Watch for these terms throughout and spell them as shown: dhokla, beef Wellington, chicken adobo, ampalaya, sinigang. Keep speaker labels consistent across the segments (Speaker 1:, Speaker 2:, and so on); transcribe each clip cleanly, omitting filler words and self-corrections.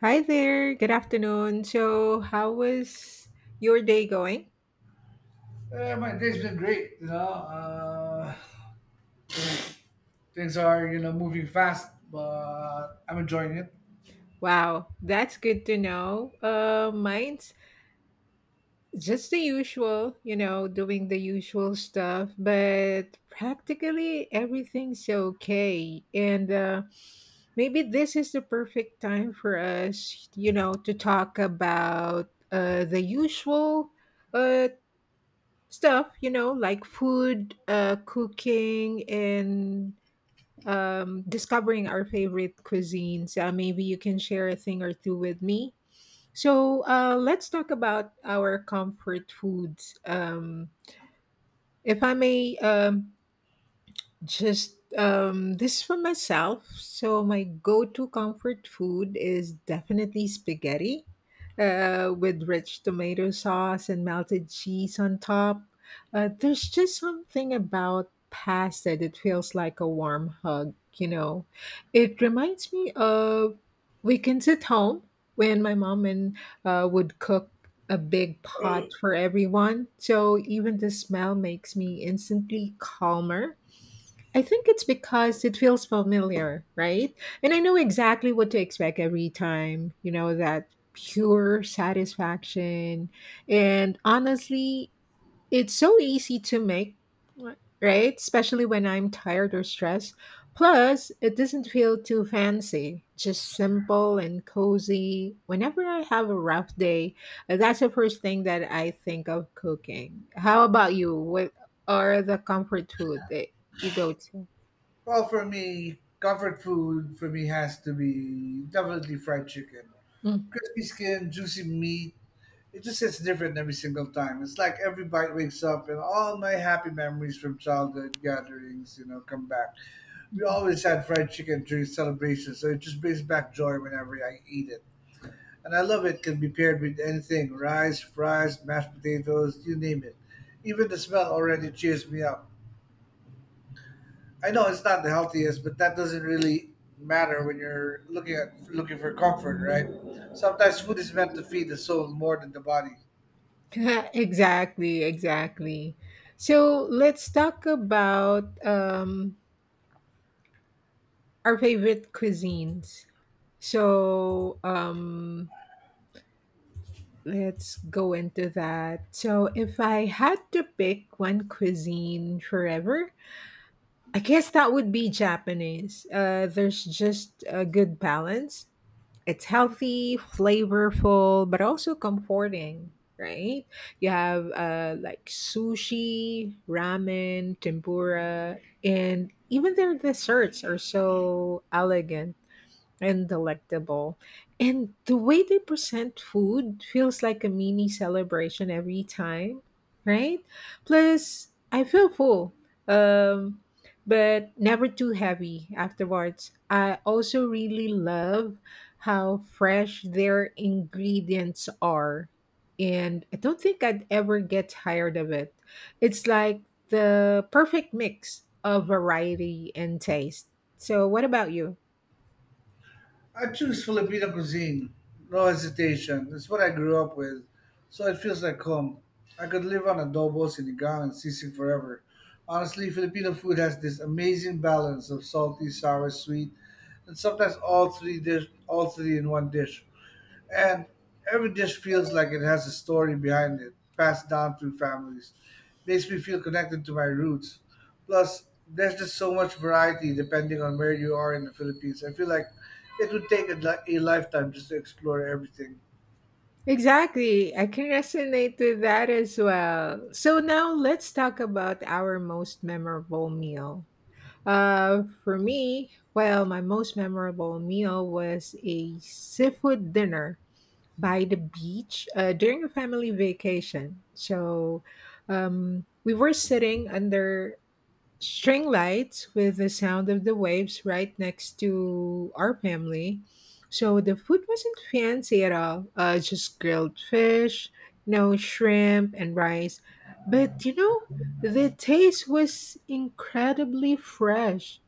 Speaker 1: Hi there. Good afternoon. So, how was your day going?
Speaker 2: Yeah, my day's been great. Things are moving fast, but I'm enjoying it.
Speaker 1: Wow, that's good to know. Mine's just the usual, you know, doing the usual stuff, but practically everything's okay. And maybe this is the perfect time for us, you know, to talk about the usual uh, stuff, you know, like food, cooking, and discovering our favorite cuisines. Maybe you can share a thing or two with me. So let's talk about our comfort foods. If I may just this for myself. So my go-to comfort food is definitely spaghetti, with rich tomato sauce and melted cheese on top. There's just something about pasta that feels like a warm hug. You know, it reminds me of weekends at home when my mom and would cook a big pot for everyone. So even the smell makes me instantly calmer. I think it's because it feels familiar, right? And I know exactly what to expect every time, you know, that pure satisfaction. And honestly, it's so easy to make, right? Especially when I'm tired or stressed. Plus, it doesn't feel too fancy, just simple and cozy. Whenever I have a rough day, that's the first thing that I think of cooking. How about you? What are the comfort food that you go to?
Speaker 2: Well, for me, comfort food for me has to be definitely fried chicken,
Speaker 1: Mhm.
Speaker 2: crispy skin, juicy meat. It just hits different every single time. It's like every bite wakes up, and all my happy memories from childhood gatherings come back. We always had fried chicken during celebrations, so it just brings back joy whenever I eat it. And I love it can be paired with anything rice, fries, mashed potatoes, you name it. Even the smell already cheers me up. I know it's not the healthiest, but that doesn't really matter when you're looking for comfort, right? Sometimes food is meant to feed the soul more than the body.
Speaker 1: Exactly, exactly. So let's talk about our favorite cuisines. So let's go into that. So if I had to pick one cuisine forever, I guess that would be Japanese. There's just a good balance. It's healthy, flavorful, but also comforting, right? You have like sushi, ramen, tempura, and even their desserts are so elegant and delectable. And the way they present food feels like a mini celebration every time, right? Plus, I feel full, um, but never too heavy afterwards. I also really love how fresh their ingredients are. And I don't think I'd ever get tired of it. It's like the perfect mix of variety and taste. So, what about you?
Speaker 2: I choose Filipino cuisine, no hesitation. It's what I grew up with, so it feels like home. I could live on adobo, sinigang, and sisig forever. Honestly, Filipino food has this amazing balance of salty, sour, sweet, and sometimes all three in one dish. And every dish feels like it has a story behind it, passed down through families. Makes me feel connected to my roots. Plus, there's just so much variety depending on where you are in the Philippines. I feel like it would take a lifetime just to explore everything.
Speaker 1: Exactly. I can resonate with that as well. So now let's talk about our most memorable meal. For me, well, my most memorable meal was a seafood dinner by the beach during a family vacation. So we were sitting under string lights with the sound of the waves right next to our family. So the food wasn't fancy at all, just grilled fish, no shrimp, and rice. But you know, the taste was incredibly fresh.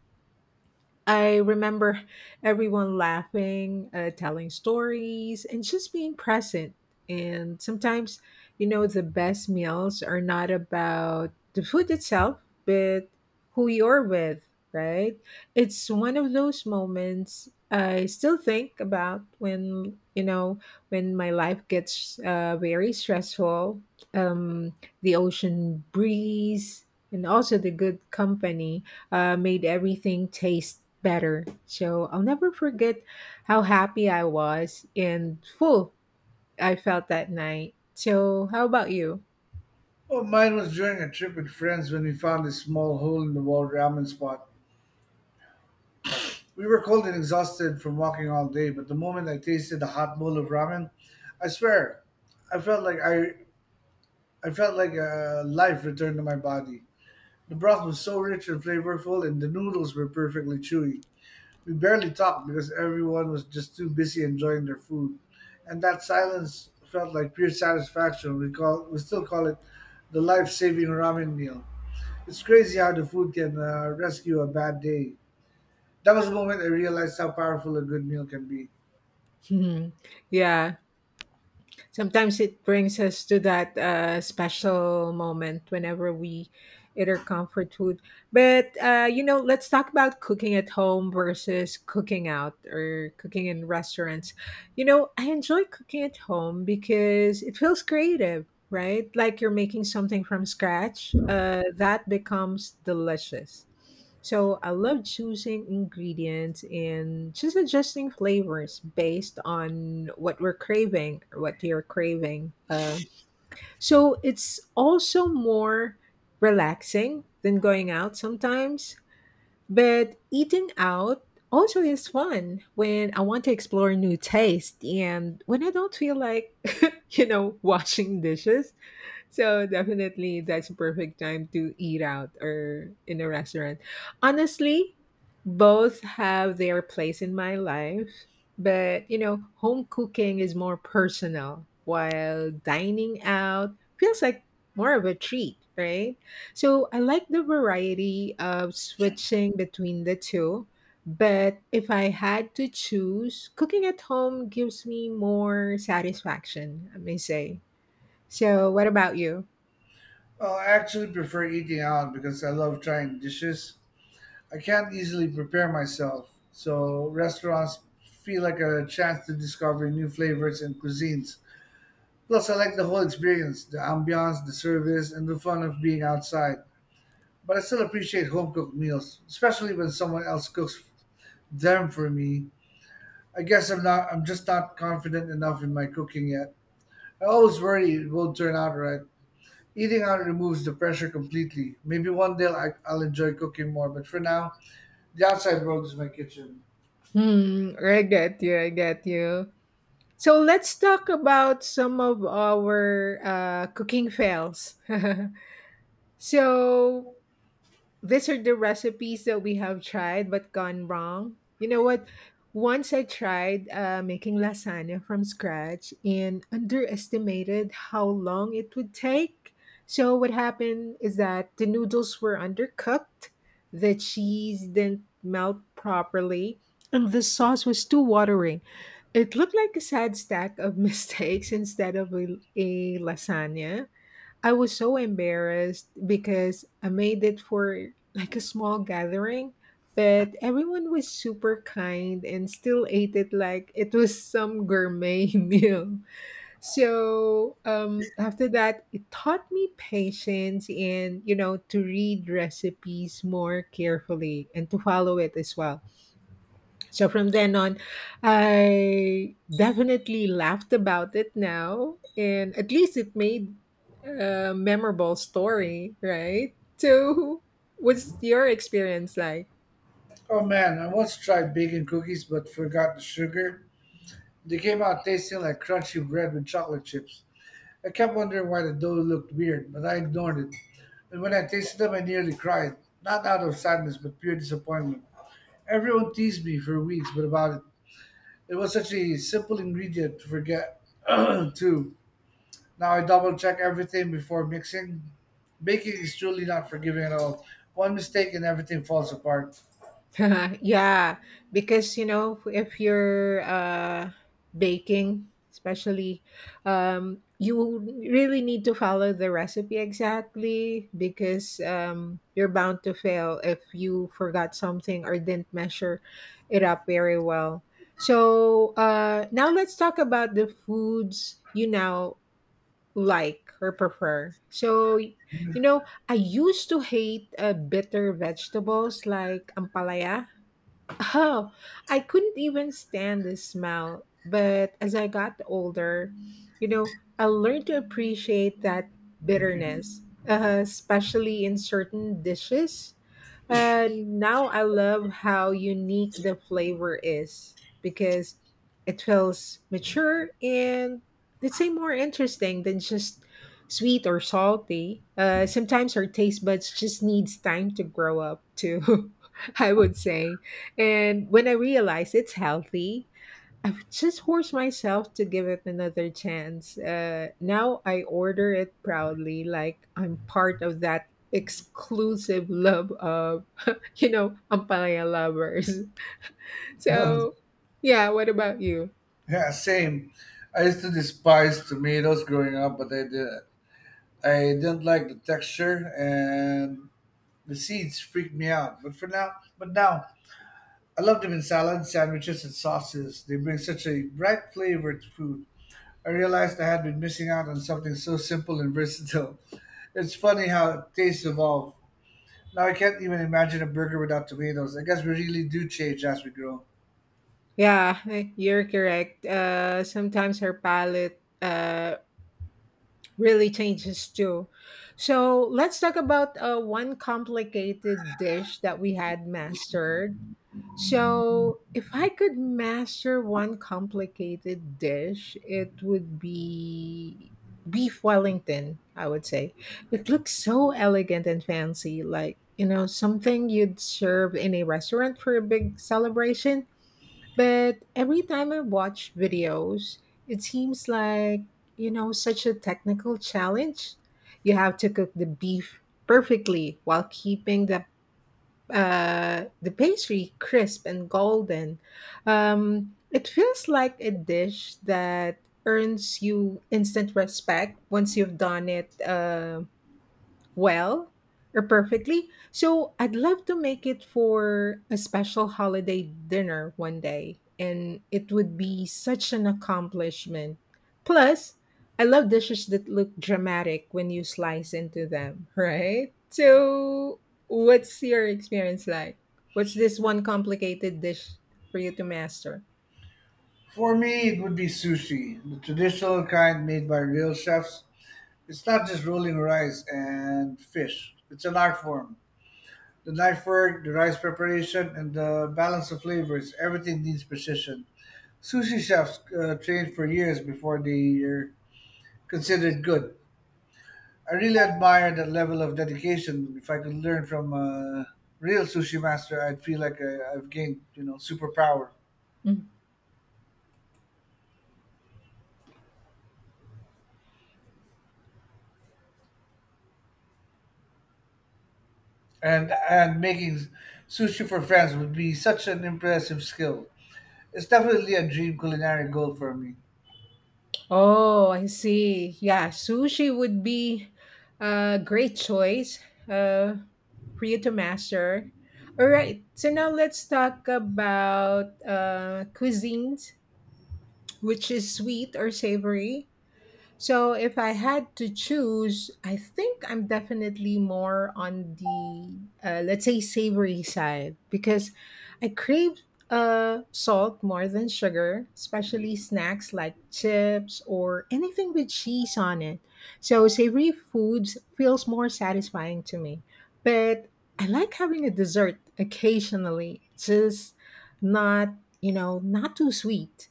Speaker 1: I remember everyone laughing, telling stories, and just being present. And sometimes, you know, the best meals are not about the food itself, but who you're with, right? It's one of those moments I still think about when, you know, when my life gets very stressful. Um, the ocean breeze, and also the good company made everything taste better. So I'll never forget how happy I was and full I felt that night. So, how about you?
Speaker 2: Oh, mine was during a trip with friends when we found a small hole in the wall ramen spot. We were cold and exhausted from walking all day, but the moment I tasted a hot bowl of ramen, I swear, I felt like I, I felt like life returned to my body. The broth was so rich and flavorful, and the noodles were perfectly chewy. We barely talked because everyone was just too busy enjoying their food, and that silence felt like pure satisfaction. We still call it the life-saving ramen meal. It's crazy how the food can rescue a bad day. That was the moment I realized how powerful a good meal can be.
Speaker 1: Yeah. Sometimes it brings us to that special moment whenever we eat our comfort food. But you know, let's talk about cooking at home versus cooking out or cooking in restaurants. You know, I enjoy cooking at home because it feels creative, right? Like you're making something from scratch. That becomes delicious. So I love choosing ingredients and just adjusting flavors based on what we're craving or what you're craving. So it's also more relaxing than going out sometimes. But eating out also is fun when I want to explore new taste and when I don't feel like, you know, washing dishes. So definitely that's a perfect time to eat out or in a restaurant. Honestly, both have their place in my life, but you know, home cooking is more personal while dining out feels like more of a treat, right? So I like the variety of switching between the two. But if I had to choose, cooking at home gives me more satisfaction, I may say. So, what about you?
Speaker 2: Oh, I actually prefer eating out because I love trying dishes. I can't easily prepare myself, so restaurants feel like a chance to discover new flavors and cuisines. Plus, I like the whole experience the ambiance, the service, and the fun of being outside. But I still appreciate home cooked meals, especially when someone else cooks them for me. I guess I'm just not confident enough in my cooking yet. I always worry it won't turn out right. Eating out removes the pressure completely. Maybe one day I'll enjoy cooking more, but for now, the outside world is my kitchen.
Speaker 1: Hmm, I get you. I get you. So let's talk about some of our cooking fails. So these are the recipes that we have tried but gone wrong. You know what? Once I tried making lasagna from scratch and underestimated how long it would take. So, what happened is that the noodles were undercooked, the cheese didn't melt properly, and the sauce was too watery. It looked like a sad stack of mistakes instead of a lasagna. I was so embarrassed because I made it for like a small gathering, but everyone was super kind and still ate it like it was some gourmet meal. So after that, it taught me patience and, you know, to read recipes more carefully and to follow it as well. So from then on, I definitely laughed about it now, and at least it made a memorable story, right? So, what's your experience like?
Speaker 2: Oh man, I once tried baking cookies but forgot the sugar. They came out tasting like crunchy bread with chocolate chips. I kept wondering why the dough looked weird, but I ignored it. And when I tasted them, I nearly cried. Not out of sadness, but pure disappointment. Everyone teased me for weeks but about it. It was such a simple ingredient to forget, too. Now I double check everything before mixing. Baking is truly not forgiving at all. One mistake and everything falls apart.
Speaker 1: Yeah, because you know, if you're baking, especially, you really need to follow the recipe exactly because you're bound to fail if you forgot something or didn't measure it up very well. So now let's talk about the foods you now like or prefer. So, you know, I used to hate bitter vegetables like ampalaya. Oh, I couldn't even stand the smell. But as I got older, you know, I learned to appreciate that bitterness, especially in certain dishes. Now I love how unique the flavor is because it feels mature and let's say more interesting than just sweet or salty. Sometimes our taste buds just needs time to grow up too, I would say. And when I realize it's healthy, I just force myself to give it another chance. Now I order it proudly, like I'm part of that exclusive love of, you know, ampalaya lovers. So, yeah, what about you?
Speaker 2: Yeah, same. I used to despise tomatoes growing up, but I did. I didn't like the texture and the seeds freaked me out. But now I love them in salads, sandwiches, and sauces. They bring such a bright flavor to food. I realized I had been missing out on something so simple and versatile. It's funny how tastes evolve. Now I can't even imagine a burger without tomatoes. I guess we really do change as we grow.
Speaker 1: Yeah, eh, you're correct. Sometimes her palate really changes too. So let's talk about one complicated dish that we had mastered. So if I could master one complicated dish, it would be beef Wellington. I would say it looks so elegant and fancy, like you know something you'd serve in a restaurant for a big celebration. But every time I watch videos, it seems like, you know, such a technical challenge. You have to cook the beef perfectly while keeping the the pastry crisp and golden. It feels like a dish that earns you instant respect once you've done it. Well, or perfectly. So I'd love to make it for a special holiday dinner one day, and it would be such an accomplishment. Plus, I love dishes that look dramatic when you slice into them, right? So, what's your experience like? What's this one complicated dish for you to master?
Speaker 2: For me, it would be sushi, the traditional kind made by real chefs. It's not just rolling rice and fish. It's an art form. The knife work, the rice preparation, and the balance of flavors, everything needs precision. Sushi chefs train for years before they're considered good. I really admire that level of dedication. If I could learn from a real sushi master, I'd feel like I've gained superpower.
Speaker 1: Mm.
Speaker 2: And making sushi for friends would be such an impressive skill. It's definitely a dream culinary goal for me.
Speaker 1: Oh, I see. Yeah, sushi would be a great choice uh, for you to master. All right, so now let's talk about cuisines, which is sweet or savory. So if I had to choose, I think I'm definitely more on the let's say savory side because I crave salt more than sugar, especially snacks like chips or anything with cheese on it. So savory foods feels more satisfying to me. But I like having a dessert occasionally, just not, you know, not too sweet.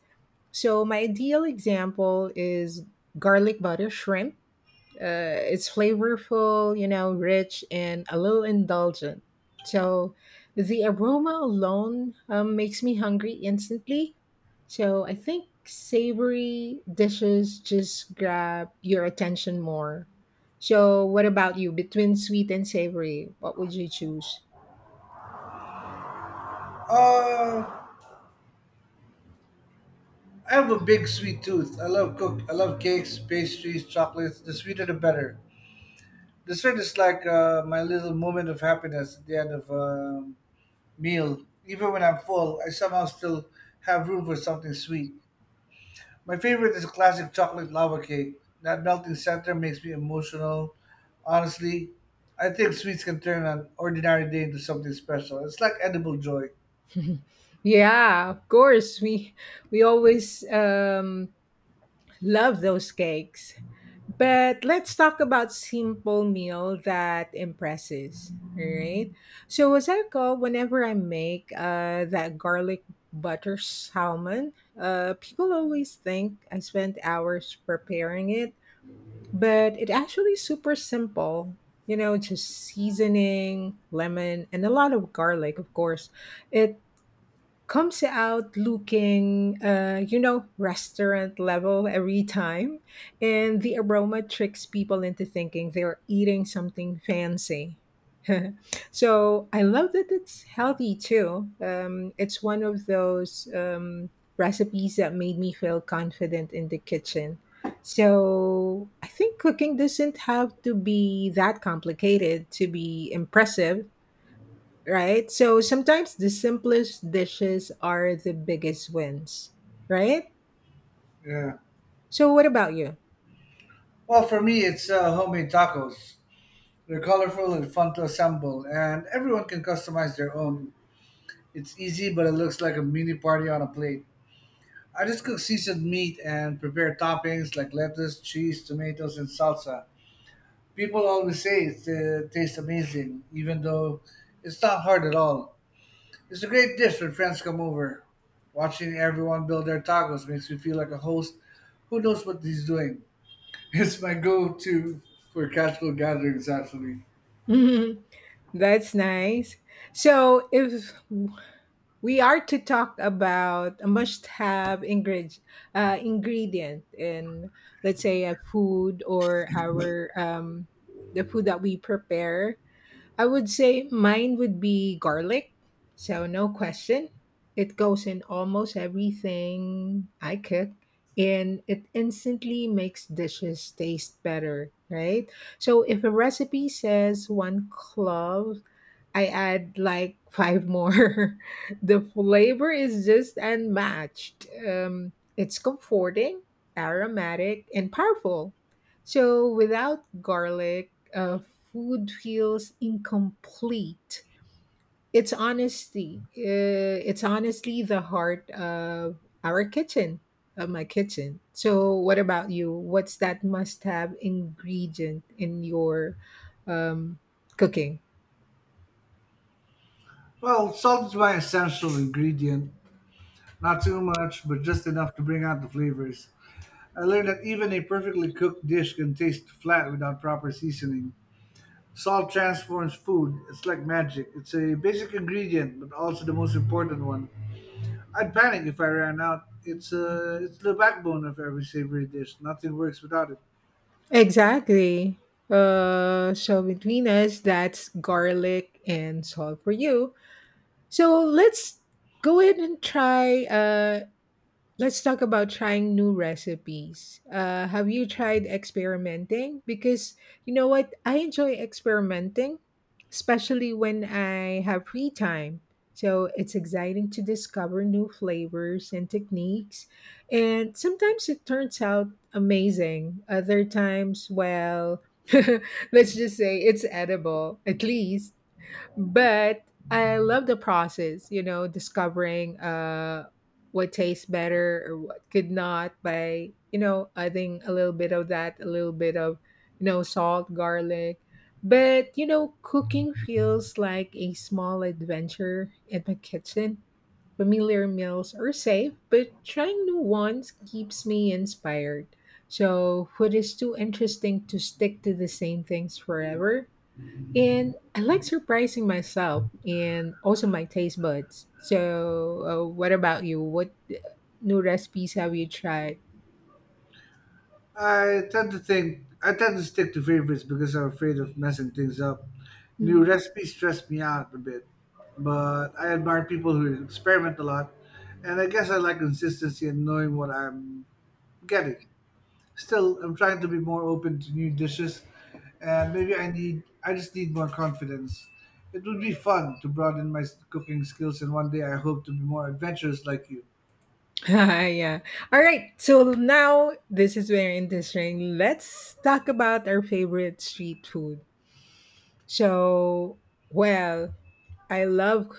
Speaker 1: So my ideal example is garlic butter shrimp. It's flavorful, you know, rich and a little indulgent. So the aroma alone makes me hungry instantly. So I think savory dishes just grab your attention more. So what about you? Between sweet and savory, what would you choose?
Speaker 2: Uh, I have a big sweet tooth. I love cook. I love cakes, pastries, chocolates. The sweeter, the better. Dessert is like my little moment of happiness at the end of a meal. Even when I'm full, I somehow still have room for something sweet. My favorite is classic chocolate lava cake. That melting center makes me emotional. Honestly, I think sweets can turn an ordinary day into something special. It's like edible joy.
Speaker 1: Yeah, of course. We always love those cakes. But let's talk about simple meal that impresses. All right. So as I call whenever I make that garlic butter salmon, people always think I spent hours preparing it, but it actually super simple. You know, just seasoning, lemon, and a lot of garlic, of course. It comes out looking, you know, restaurant level every time. And the aroma tricks people into thinking they're eating something fancy. So I love that it's healthy too. It's one of those recipes that made me feel confident in the kitchen. So I think cooking doesn't have to be that complicated to be impressive, right? So sometimes the simplest dishes are the biggest wins, right?
Speaker 2: Yeah.
Speaker 1: So what about you?
Speaker 2: Well, for me, it's homemade tacos. They're colorful and fun to assemble, and everyone can customize their own. It's easy, but it looks like a mini party on a plate. I just cook seasoned meat and prepare toppings like lettuce, cheese, tomatoes, and salsa. People always say it tastes amazing, even though it's not hard at all. It's a great dish when friends come over. Watching everyone build their tacos makes me feel like a host who knows what he's doing. It's my go to for casual gatherings, actually.
Speaker 1: Mhm. That's nice. So if we are to talk about a must-have ingredient, ingredient in let's say a food or our the food that we prepare, I would say mine would be garlic. So, no question. It goes in almost everything I cook and it instantly makes dishes taste better, right? So, if a recipe says one clove, I add like five more. The flavor is just unmatched. It's comforting, aromatic, and powerful. So without garlic, food feels incomplete. It's honesty. It's honestly the heart of our kitchen, of my kitchen. So, what about you? What's that must-have ingredient in your um, cooking?
Speaker 2: Well, salt is my essential ingredient. Not too much, but just enough to bring out the flavors. I learned that even a perfectly cooked dish can taste flat without proper seasoning. Salt transforms food. It's like magic. It's a basic ingredient, but also the most important one. I'd panic if I ran out. It's the backbone of every savory dish. Nothing works without it.
Speaker 1: Exactly. So between us, that's garlic and salt for you. So let's go ahead and try. Let's talk about trying new recipes. Have you tried experimenting? Because you know what? I enjoy experimenting, especially when I have free time. So it's exciting to discover new flavors and techniques. And sometimes it turns out amazing. Other times, well, let's just say it's edible, at least but I love the process, you know, discovering what tastes better or what could not by, you know, adding a little bit of that, a little bit of, you know, salt, garlic. But, you know, cooking feels like a small adventure in my kitchen. Familiar meals are safe, but trying new ones keeps me inspired. So, food is too interesting to stick to the same things forever and I like surprising myself and also my taste buds. So, what about you? What new recipes have you tried?
Speaker 2: I tend to stick to favorites because I'm afraid of messing things up. New
Speaker 1: Mm.
Speaker 2: recipes stress me out a bit, but I admire people who experiment a lot, and I guess I like consistency and knowing what I'm getting. Still, I'm trying to be more open to new dishes, and maybe I just need more confidence. It would be fun to broaden my cooking skills, and one day I hope to be more adventurous like you.
Speaker 1: yeah. All right. So now this is very interesting. Let's talk about our favorite street food. So, well, I love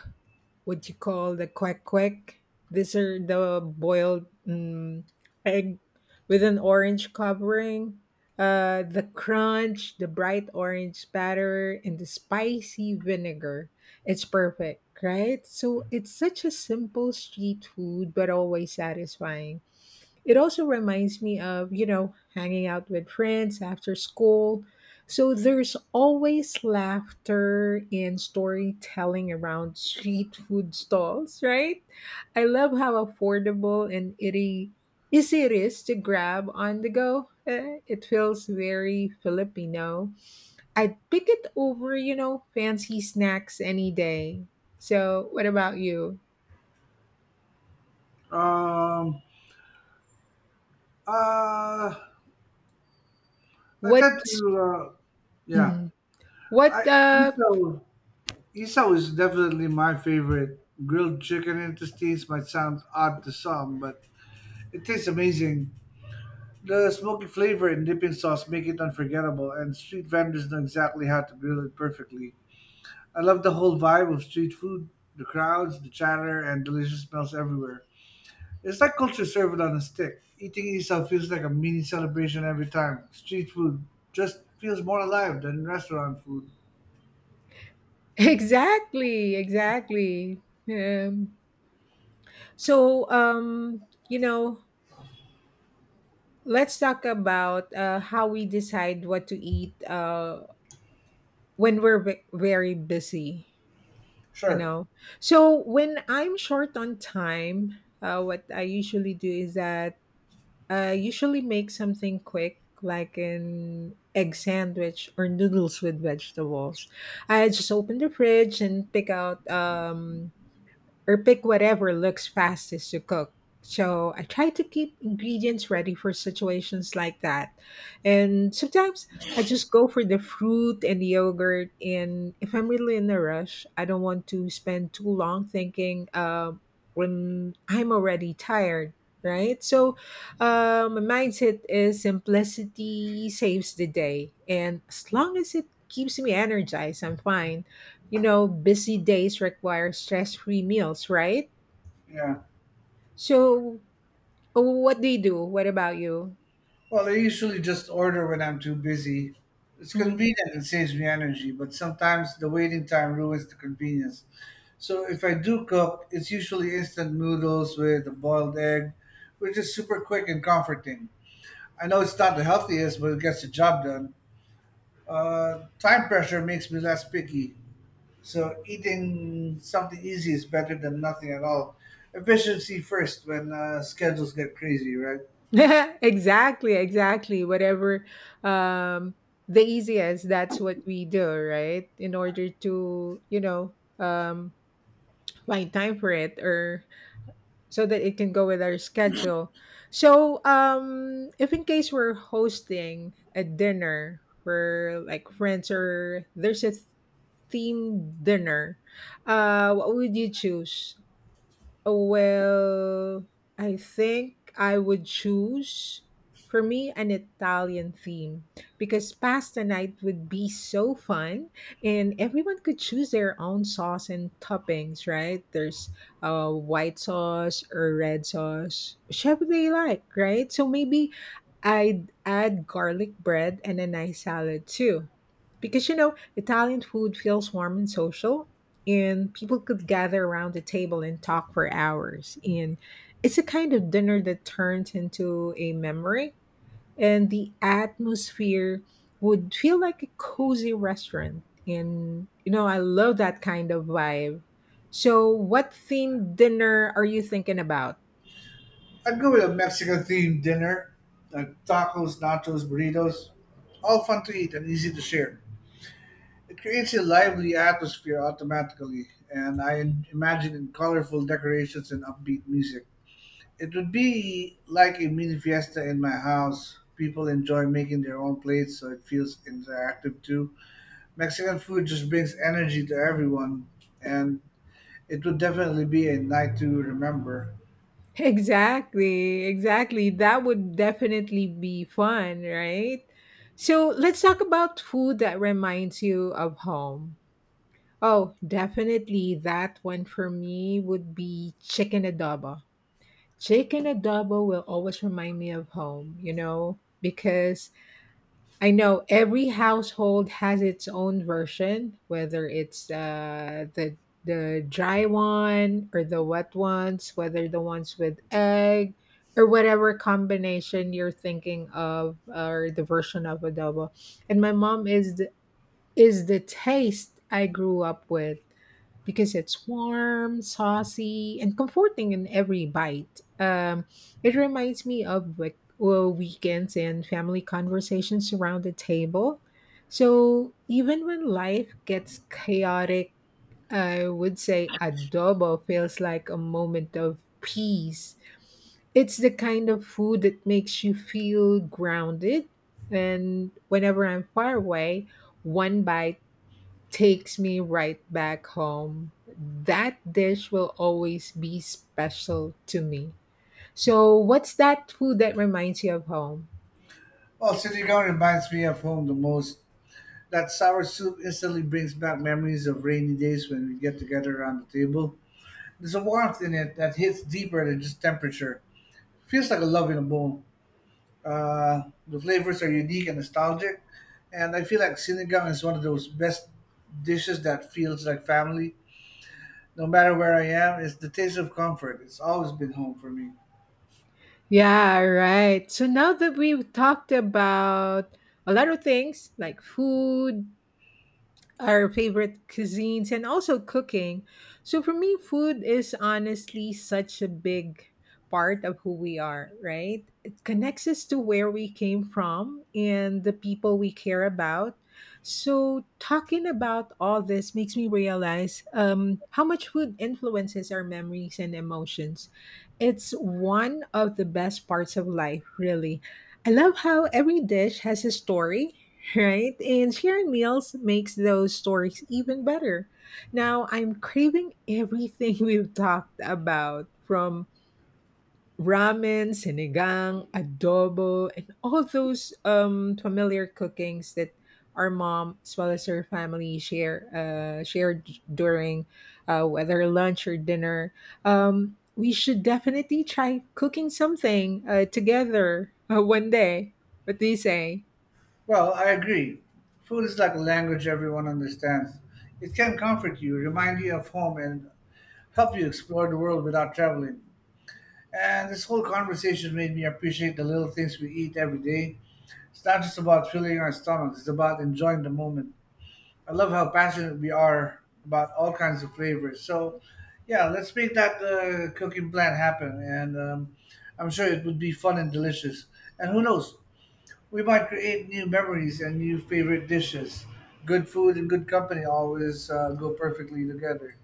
Speaker 1: what you call the quack quack. These are the boiled egg with an orange covering. The crunch, the bright orange batter, and the spicy vinegar. It's perfect, right? So it's such a simple street food, but always satisfying. It also reminds me of, you know, hanging out with friends after school. So there's always laughter and storytelling around street food stalls, right? I love how affordable and itty easy it is to grab on the go. Eh, it feels very Filipino. I'd pick it over, you know, fancy snacks any day. So, what about you?
Speaker 2: Um, uh, I tend
Speaker 1: What
Speaker 2: to, uh, yeah.
Speaker 1: mhm. what
Speaker 2: I miso miso is definitely my favorite. Grilled chicken intestines might sound odd to some, but it tastes amazing. The smoky flavor and dipping sauce make it unforgettable, and street vendors know exactly how to grill it perfectly. I love the whole vibe of street food, the crowds, the chatter, and delicious smells everywhere. It's like culture served on a stick. Eating isaw feels like a mini celebration every time. Street food just feels more alive than restaurant food.
Speaker 1: Exactly, exactly. Um, so, you know, let's talk about how we decide what to eat when we're very busy, you
Speaker 2: Sure.
Speaker 1: know. So, when I'm short on time, what I usually do is that I usually make something quick, like an egg sandwich or noodles with vegetables. I just open the fridge and pick out. Or pick whatever looks fastest to cook. So I try to keep ingredients ready for situations like that. And sometimes I just go for the fruit and yogurt. And if I'm really in a rush, I don't want to spend too long thinking when I'm already tired. Right. So, my mindset is simplicity saves the day. And as long as it keeps me energized, I'm fine you know, busy days require stress free meals, right?
Speaker 2: Yeah.
Speaker 1: So, oh, what do you do? What about you?
Speaker 2: Well, I usually just order when I'm too busy. It's
Speaker 1: Mhm.
Speaker 2: convenient and saves me energy, but sometimes the waiting time ruins the convenience. So if I do cook, it's usually instant noodles with a boiled egg, which is super quick and comforting. I know it's not the healthiest, but it gets the job done. Time pressure makes me less picky, so eating something easy is better than nothing at all. Efficiency first when schedules get crazy, right?
Speaker 1: exactly, exactly. Whatever um, the easiest, that's what we do, right? In order to, you know, find time for it or so that it can go with our schedule. So, if in case we're hosting a dinner for like friends or there's a themed dinner, what would you choose? Well, I think I would choose for me an Italian theme because pasta night would be so fun and everyone could choose their own sauce and toppings, right? There's white sauce or red sauce, whichever they like, right? So maybe I'd add garlic bread and a nice salad too. Because you know, Italian food feels warm and social, and people could gather around the table and talk for hours. And it's a kind of dinner that turns into a memory, and the atmosphere would feel like a cozy restaurant. And, you know, I love that kind of vibe. So, what themed dinner are you thinking about?
Speaker 2: I'd go with a Mexican themed dinner, like tacos, nachos, burritos, all fun to eat and easy to share. It creates a lively atmosphere automatically, and I imagine in colorful decorations and upbeat music. It would be like a mini fiesta in my house. People enjoy making their own plates, so it feels interactive too. Mexican food just brings energy to everyone, and it would definitely be a night to remember.
Speaker 1: Exactly, exactly. That would definitely be fun, right? So let's talk about food that reminds you of home. Oh, definitely. That one for me would be chicken adobo. Chicken adobo will always remind me of home, you know, because I know every household has its own version, whether it's the dry one or the wet ones, whether the ones with egg or whatever combination you're thinking of or the version of adobo. And my mom is the taste I grew up with because it's warm, saucy, and comforting in every bite. It reminds me of like weekends and family conversations around the table. So even when life gets chaotic, I would say adobo feels like a moment of peace. It's the kind of food that makes you feel grounded. And whenever I'm far away, one bite takes me right back home. That dish will always be special to me. So, what's that food that reminds you of home?
Speaker 2: Well, City Gun reminds me of home the most. That sour soup instantly brings back memories of rainy days when we get together around the table. There's a warmth in it that hits deeper than just temperature. Feels like a love in a bowl. The flavors are unique and nostalgic, and I feel like sinigang is one of those best dishes that feels like family. No matter where I am, it's the taste of comfort. It's always been home for me.
Speaker 1: Yeah, right. So, now that we've talked about a lot of things like food, our favorite cuisines and also cooking. So for me, food is honestly such a big part of who we are, right? It connects us to where we came from and the people we care about. So talking about all this makes me realize how much food influences our memories and emotions. It's one of the best parts of life, really. I love how every dish has a story right? And sharing meals makes those stories even better. Now, I'm craving everything we've talked about from ramen, sinigang, adobo, and all those familiar cookings that our mom as well as her family shared during whether lunch or dinner. We should definitely try cooking something together one day. What do you say?
Speaker 2: Well, I agree. Food is like a language everyone understands. It can comfort you, remind you of home, and help you explore the world without traveling. And this whole conversation made me appreciate the little things we eat every day. It's not just about filling our stomachs, it's about enjoying the moment. I love how passionate we are about all kinds of flavors. So, yeah, let's make that cooking plan happen. And I'm sure it would be fun and delicious. And who knows, we might create new memories and new favorite dishes. Good food and good company always go perfectly together.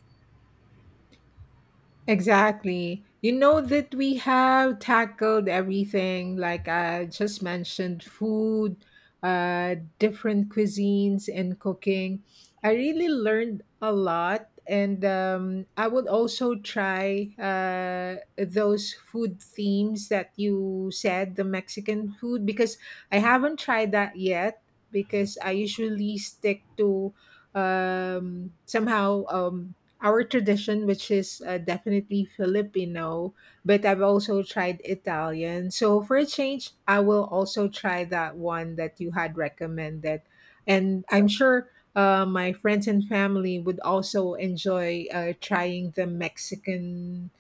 Speaker 1: Exactly. You know that we have tackled everything, like I just mentioned food, different cuisines, and cooking. I really learned a lot, and I would also try those food themes that you said, the Mexican food, because I haven't tried that yet. Because I usually stick to somehow our tradition, which is definitely Filipino, but I've also tried Italian. So for a change, I will also try that one that you had recommended. And I'm sure my friends and family would also enjoy trying the Mexican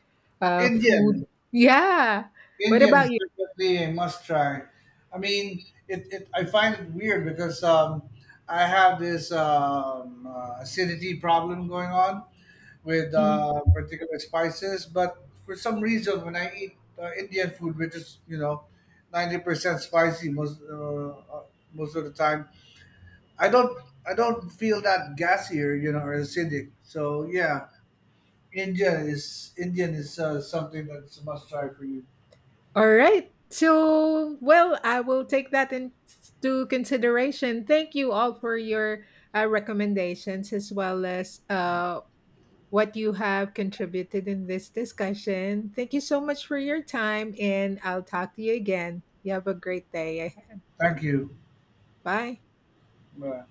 Speaker 1: food.
Speaker 2: Indian.
Speaker 1: Yeah. What
Speaker 2: Indian
Speaker 1: about
Speaker 2: is
Speaker 1: you?
Speaker 2: definitely a must try. I mean, it I find it weird because I have this acidity problem going on with
Speaker 1: Mm-hmm.
Speaker 2: particular spices, but for some reason, when I eat Indian food, which is 90% spicy most of the time, I don't I don't feel that gassier or acidic. So yeah, Indian is something that's a must try for you.
Speaker 1: All right. So, well, I will take that into consideration. Thank you all for your recommendations as well as what you have contributed in this discussion. Thank you so much for your time, and I'll talk to you again. You have a great day.
Speaker 2: Thank you.
Speaker 1: Bye.
Speaker 2: Bye.